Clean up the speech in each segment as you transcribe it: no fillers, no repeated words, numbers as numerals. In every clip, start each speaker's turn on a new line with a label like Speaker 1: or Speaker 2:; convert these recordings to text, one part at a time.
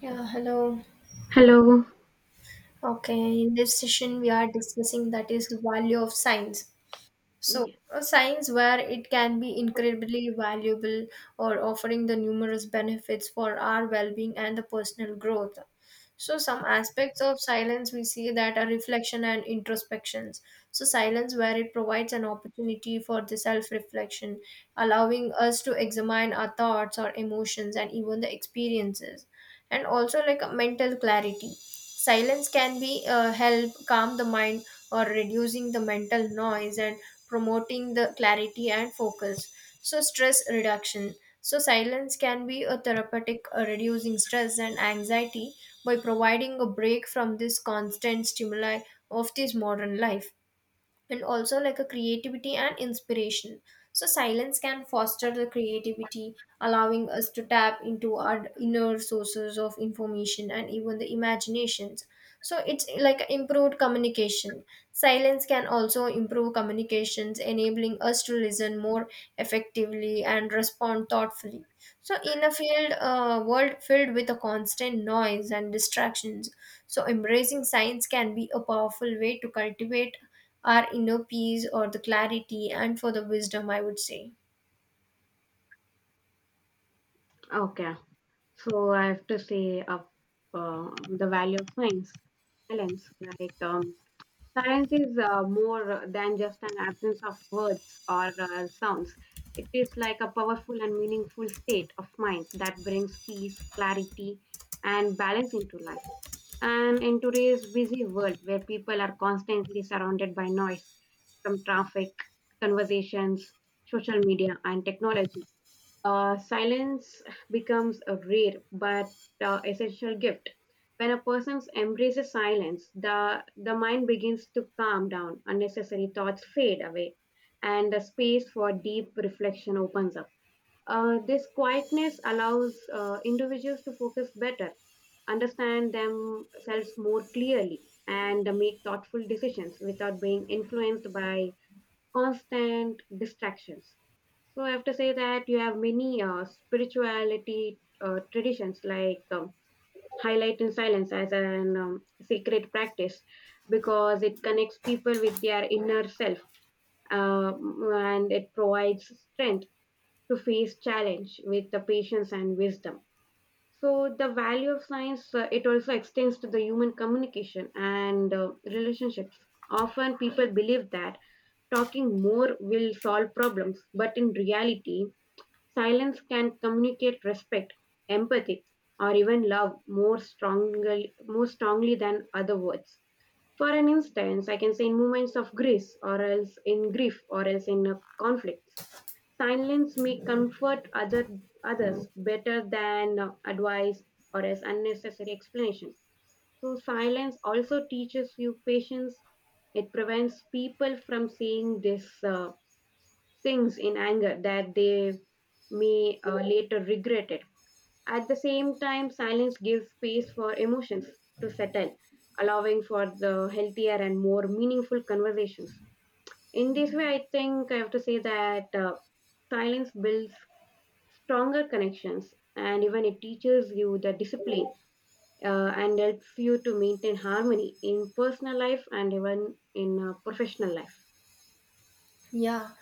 Speaker 1: Yeah, hello.
Speaker 2: Hello.
Speaker 1: Okay, in this session we are discussing that is the value of science. So,
Speaker 2: Yeah.
Speaker 1: a science where it can be incredibly valuable or offering the numerous benefits for our well-being and the personal growth. So, some aspects of silence we see that are reflection and introspections. So, silence where it provides an opportunity for the self-reflection, allowing us to examine our thoughts, our emotions, and even the experiences, and also like a mental clarity. Silence can be, help calm the mind or reducing the mental noise and promoting the clarity and focus. So stress reduction. So silence can be a therapeutic, reducing stress and anxiety by providing a break from this constant stimuli of this modern life and also like a creativity and inspiration. So silence can foster the creativity, allowing us to tap into our inner sources of information and even the imaginations. So it's like improved communication. Silence can also improve communications, enabling us to listen more effectively and respond thoughtfully. So in a field world filled with a constant noise and distractions, so, embracing science can be a powerful way to cultivate our inner peace or the clarity and for the wisdom, I would say.
Speaker 2: Okay. So I have to say the value of science, balance. Silence is more than just an absence of words or sounds. It is like a powerful and meaningful state of mind that brings peace, clarity, and balance into life. And in today's busy world where people are constantly surrounded by noise from traffic, conversations, social media, and technology, silence becomes a rare but essential gift. When a person embraces silence, the mind begins to calm down, unnecessary thoughts fade away, and the space for deep reflection opens up. This quietness allows individuals to focus better, understand themselves more clearly, and make thoughtful decisions without being influenced by constant distractions. So I have to say that you have many spirituality traditions highlight in silence as an sacred practice, because it connects people with their inner self, and it provides strength to face challenge with the patience and wisdom. So the value of science, it also extends to the human communication and relationships. Often people believe that talking more will solve problems, but in reality silence can communicate respect, empathy, or even love more strongly than other words. For an instance, I can say in moments of grief, or else in grief, or else in conflicts, silence may comfort others better than advice or as unnecessary explanation. So silence also teaches you patience. It prevents people from saying this. Things in anger that they may later regret it. At the same time, silence gives space for emotions to settle, allowing for the healthier and more meaningful conversations. In this way, I think I have to say that silence builds stronger connections, and even it teaches you the discipline and helps you to maintain harmony in personal life and even in professional life.
Speaker 1: Yeah.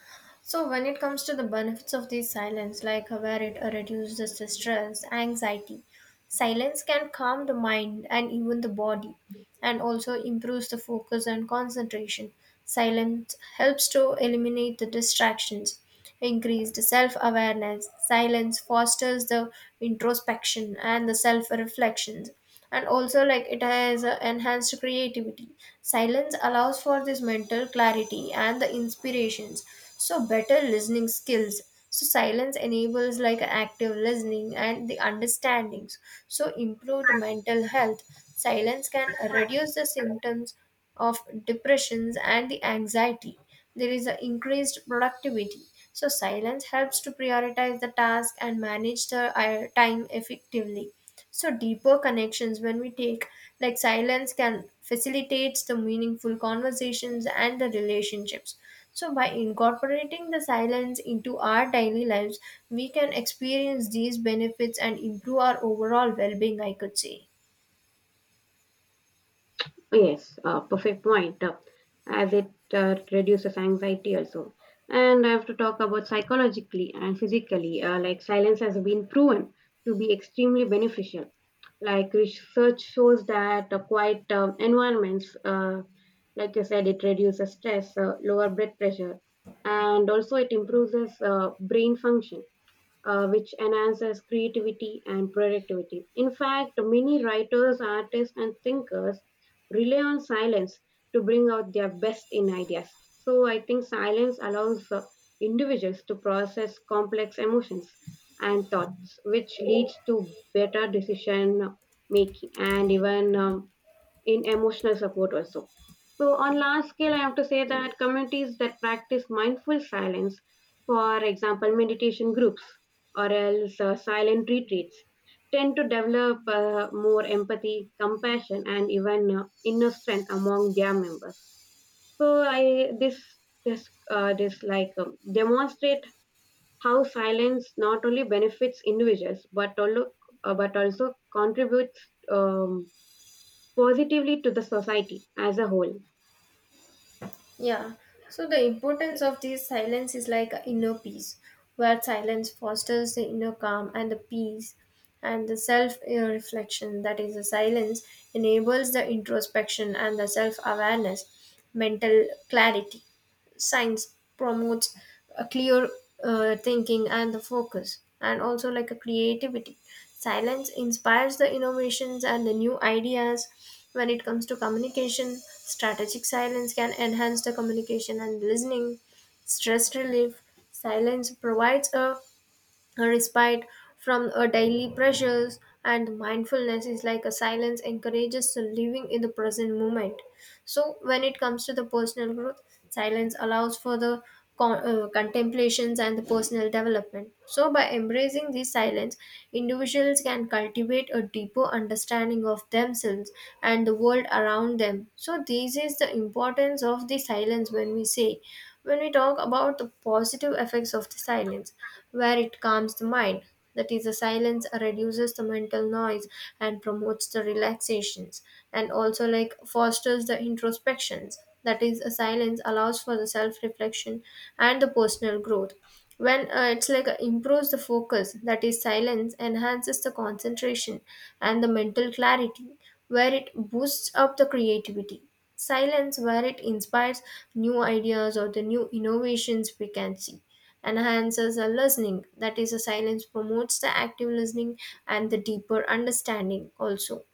Speaker 1: So when it comes to the benefits of these silence, like where it reduces the stress, anxiety, silence can calm the mind and even the body, and also improves the focus and concentration. Silence helps to eliminate the distractions, increase the self-awareness. Silence fosters the introspection and the self-reflections, and also like it has enhanced creativity. Silence allows for this mental clarity and the inspirations. So better listening skills, so silence enables like active listening and the understandings. So improved mental health, silence can reduce the symptoms of depressions and the anxiety. There is an increased productivity, so silence helps to prioritize the task and manage the time effectively. So deeper connections when we take, like silence can facilitates the meaningful conversations and the relationships. So by incorporating the silence into our daily lives, we can experience these benefits and improve our overall well-being, I could say.
Speaker 2: Yes, perfect point. As it reduces anxiety also. And I have to talk about psychologically and physically. Like, silence has been proven to be extremely beneficial. Like research shows that quiet environments, like you said, it reduces stress, lower blood pressure, and also it improves brain function, which enhances creativity and productivity. In fact, many writers, artists, and thinkers rely on silence to bring out their best in ideas. So I think silence allows individuals to process complex emotions and thoughts, which leads to better decision making, and even in emotional support also. So, on large scale, I have to say that communities that practice mindful silence, for example, meditation groups or else silent retreats, tend to develop more empathy, compassion, and even inner strength among their members. So, I this this this like demonstrate how silence not only benefits individuals, but also contributes um, positively to the society as a whole.
Speaker 1: Yeah, so the importance of this silence is like a inner peace, where silence fosters the inner calm and the peace and the self reflection. That is, the silence enables the introspection and the self awareness, mental clarity. Science promotes a clear thinking and the focus, and also like a creativity. Silence inspires the innovations and the new ideas. When it comes to communication, strategic silence can enhance the communication and listening. Stress relief, silence provides a respite from our daily pressures, and mindfulness is like a silence encourages to living in the present moment. So when it comes to the personal growth, silence allows for the contemplations and the personal development. So by embracing this silence, individuals can cultivate a deeper understanding of themselves and the world around them. So this is the importance of the silence when we talk about the positive effects of the silence, where it calms the mind. That is, the silence reduces the mental noise and promotes the relaxations, and also like fosters the introspections. That is, a silence allows for the self-reflection and the personal growth. When It's like improves the focus, that is, silence enhances the concentration and the mental clarity, where it boosts up the creativity. Silence, where it inspires new ideas or the new innovations we can see, enhances our listening. That is, a silence promotes the active listening and the deeper understanding also,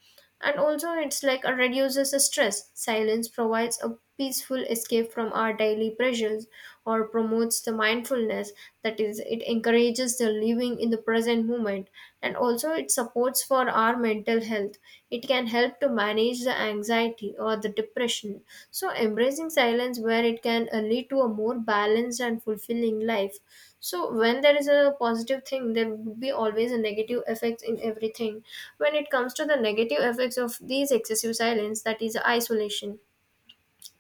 Speaker 1: and also it's like it reduces the stress. Silence provides a peaceful escape from our daily pressures or promotes the mindfulness. That is, it encourages the living in the present moment, and also it supports for our mental health. It can help to manage the anxiety or the depression. So embracing silence where it can lead to a more balanced and fulfilling life. So when there is a positive thing, there would be always a negative effect in everything. When it comes to the negative effects of these excessive silence, that is isolation.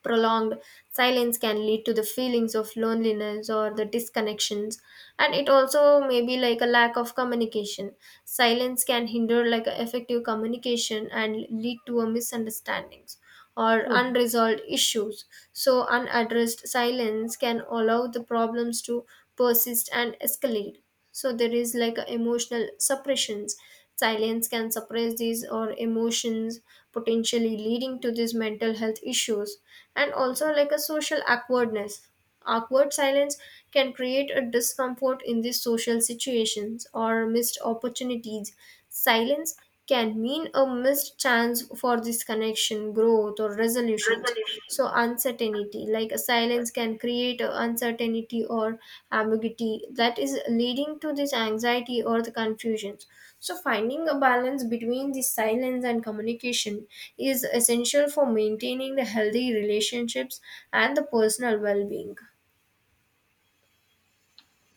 Speaker 1: Prolonged silence can lead to the feelings of loneliness or the disconnections, and it also may be like a lack of communication. Silence can hinder like a effective communication and lead to a misunderstandings or
Speaker 2: Hmm.
Speaker 1: unresolved issues. So unaddressed silence can allow the problems to persist and escalate. So there is like a emotional suppressions, silence can suppress these or emotions, potentially leading to these mental health issues, and also like a social awkwardness. Awkward silence can create a discomfort in these social situations or missed opportunities. Silence can mean a missed chance for this connection, growth, or resolutions. So, uncertainty, like a silence, can create a uncertainty or ambiguity, that is leading to this anxiety or the confusions. So, finding a balance between the silence and communication is essential for maintaining the healthy relationships and the personal well being.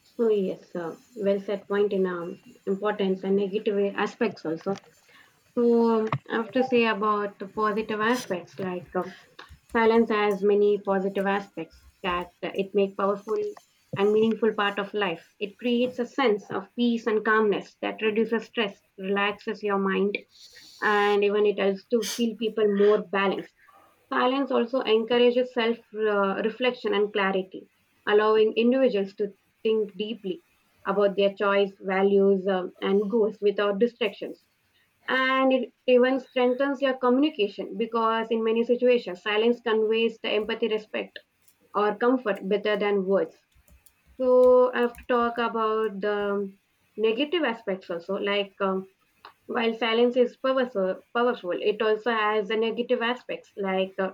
Speaker 2: So yes, well said point in importance and negative aspects also. So I have to say about the positive aspects, silence has many positive aspects that it make powerful and meaningful part of life. It creates a sense of peace and calmness that reduces stress, relaxes your mind, and even it helps to feel people more balanced. Silence also encourages self reflection and clarity, allowing individuals to think deeply about their choice, values, and goals without distractions. And it even strengthens your communication, because in many situations silence conveys the empathy, respect, or comfort better than words. So I have to talk about the negative aspects also. While silence is powerful, it also has a negative aspects.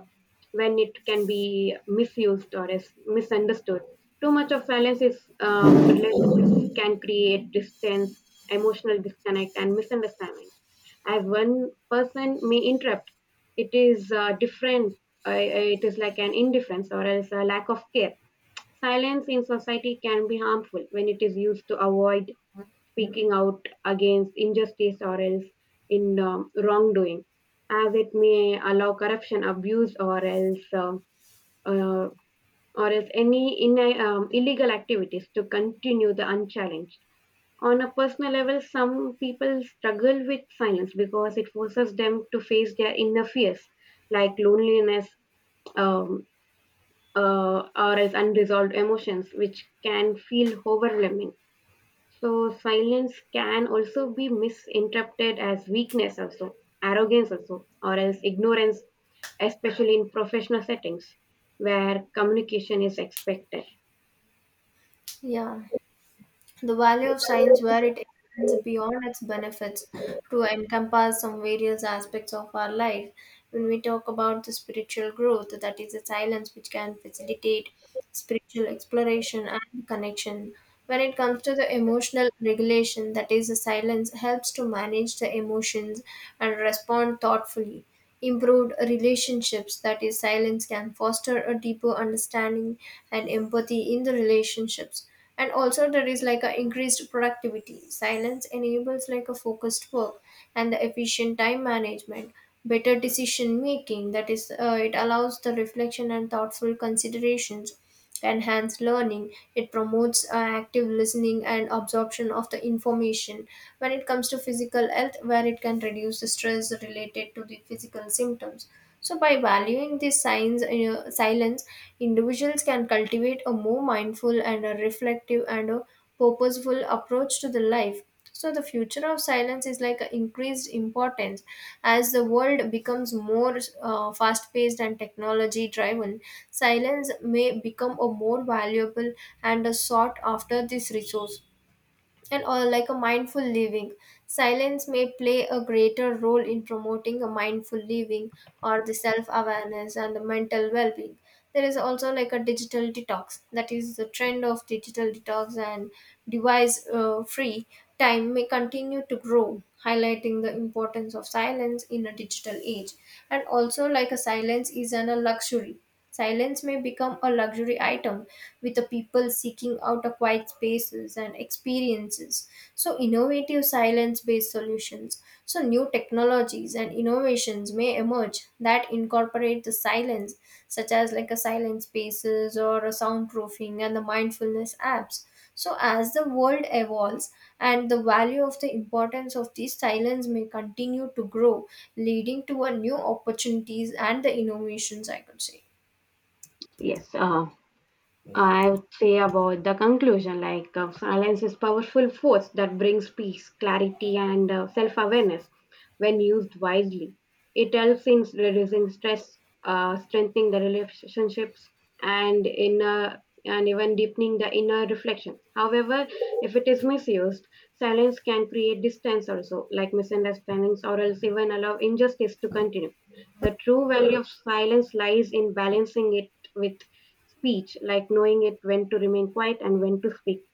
Speaker 2: When it can be misused or is misunderstood. Too much of silence is relationships can create distance, emotional disconnect, and misunderstandings. As one person may interrupt, it is different. It is like an indifference or else a lack of care. Silence in society can be harmful when it is used to avoid speaking out against injustice or else in wrongdoing, as it may allow corruption, abuse, uh, or else any illegal activities to continue the unchallenged. On a personal level, some people struggle with silence because it forces them to face their inner fears, like loneliness, um, or as unresolved emotions, which can feel overwhelming. So, silence can also be misinterpreted as weakness, also arrogance, also, or as ignorance, especially in professional settings where communication is expected.
Speaker 1: Yeah. The value of science where it extends beyond its benefits to encompass some various aspects of our life. When we talk about the spiritual growth, that is the silence which can facilitate spiritual exploration and connection. When it comes to the emotional regulation, that is the silence helps to manage the emotions and respond thoughtfully. Improved relationships, that is silence can foster a deeper understanding and empathy in the relationships, and also there is like a increased productivity. Silence enables like a focused work and the efficient time management. Better decision making, that is it allows the reflection and thoughtful considerations. Enhance learning, it promotes active listening and absorption of the information. When it comes to physical health, where it can reduce the stress related to the physical symptoms. So, by valuing this silence, individuals can cultivate a more mindful and a reflective and a purposeful approach to the life. So, the future of silence is like a increased importance as the world becomes more fast paced and technology driven. Silence may become a more valuable and a sought after this resource, and or like a mindful living. Silence may play a greater role in promoting a mindful living or the self awareness and the mental well being. There is also like a digital detox, that is the trend of digital detox and device free time may continue to grow, highlighting the importance of silence in a digital age, and also like a silence is an a luxury. Silence may become a luxury item with the people seeking out a quiet spaces and experiences. So innovative silence-based solutions. So new technologies and innovations may emerge that incorporate the silence, such as like a silent spaces or a soundproofing and the mindfulness apps. So as the world evolves and the value of the importance of these silence may continue to grow, leading to a new opportunities and the innovations, I could say.
Speaker 2: Yes. I would say about the conclusion, like silence is powerful force that brings peace, clarity, and self awareness when used wisely. It helps in reducing stress, strengthening the relationships, and inner and even deepening the inner reflection. However, if it is misused, silence can create distance also, like misunderstandings, or else even allow injustice to continue. The true value of silence lies in balancing it with speech, like knowing it when to remain quiet and when to speak.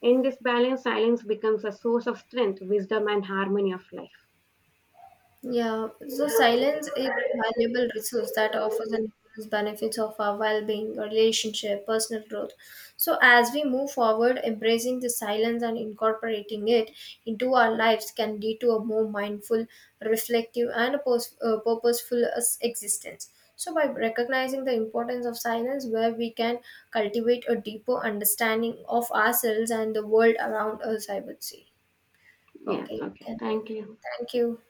Speaker 2: In this balance, silence becomes a source of strength, wisdom, and harmony of life.
Speaker 1: Yeah, so silence is a valuable resource that offers an immense benefits of our well-being, our relationship, personal growth. So as we move forward, embracing the silence and incorporating it into our lives can lead to a more mindful, reflective, and a purposeful as- existence. So by recognizing the importance of silence, where we can cultivate a deeper understanding of ourselves and the world around us, I would say.
Speaker 2: Yes,
Speaker 1: Okay, you
Speaker 2: okay.
Speaker 1: can. End.
Speaker 2: Thank you.
Speaker 1: Thank you.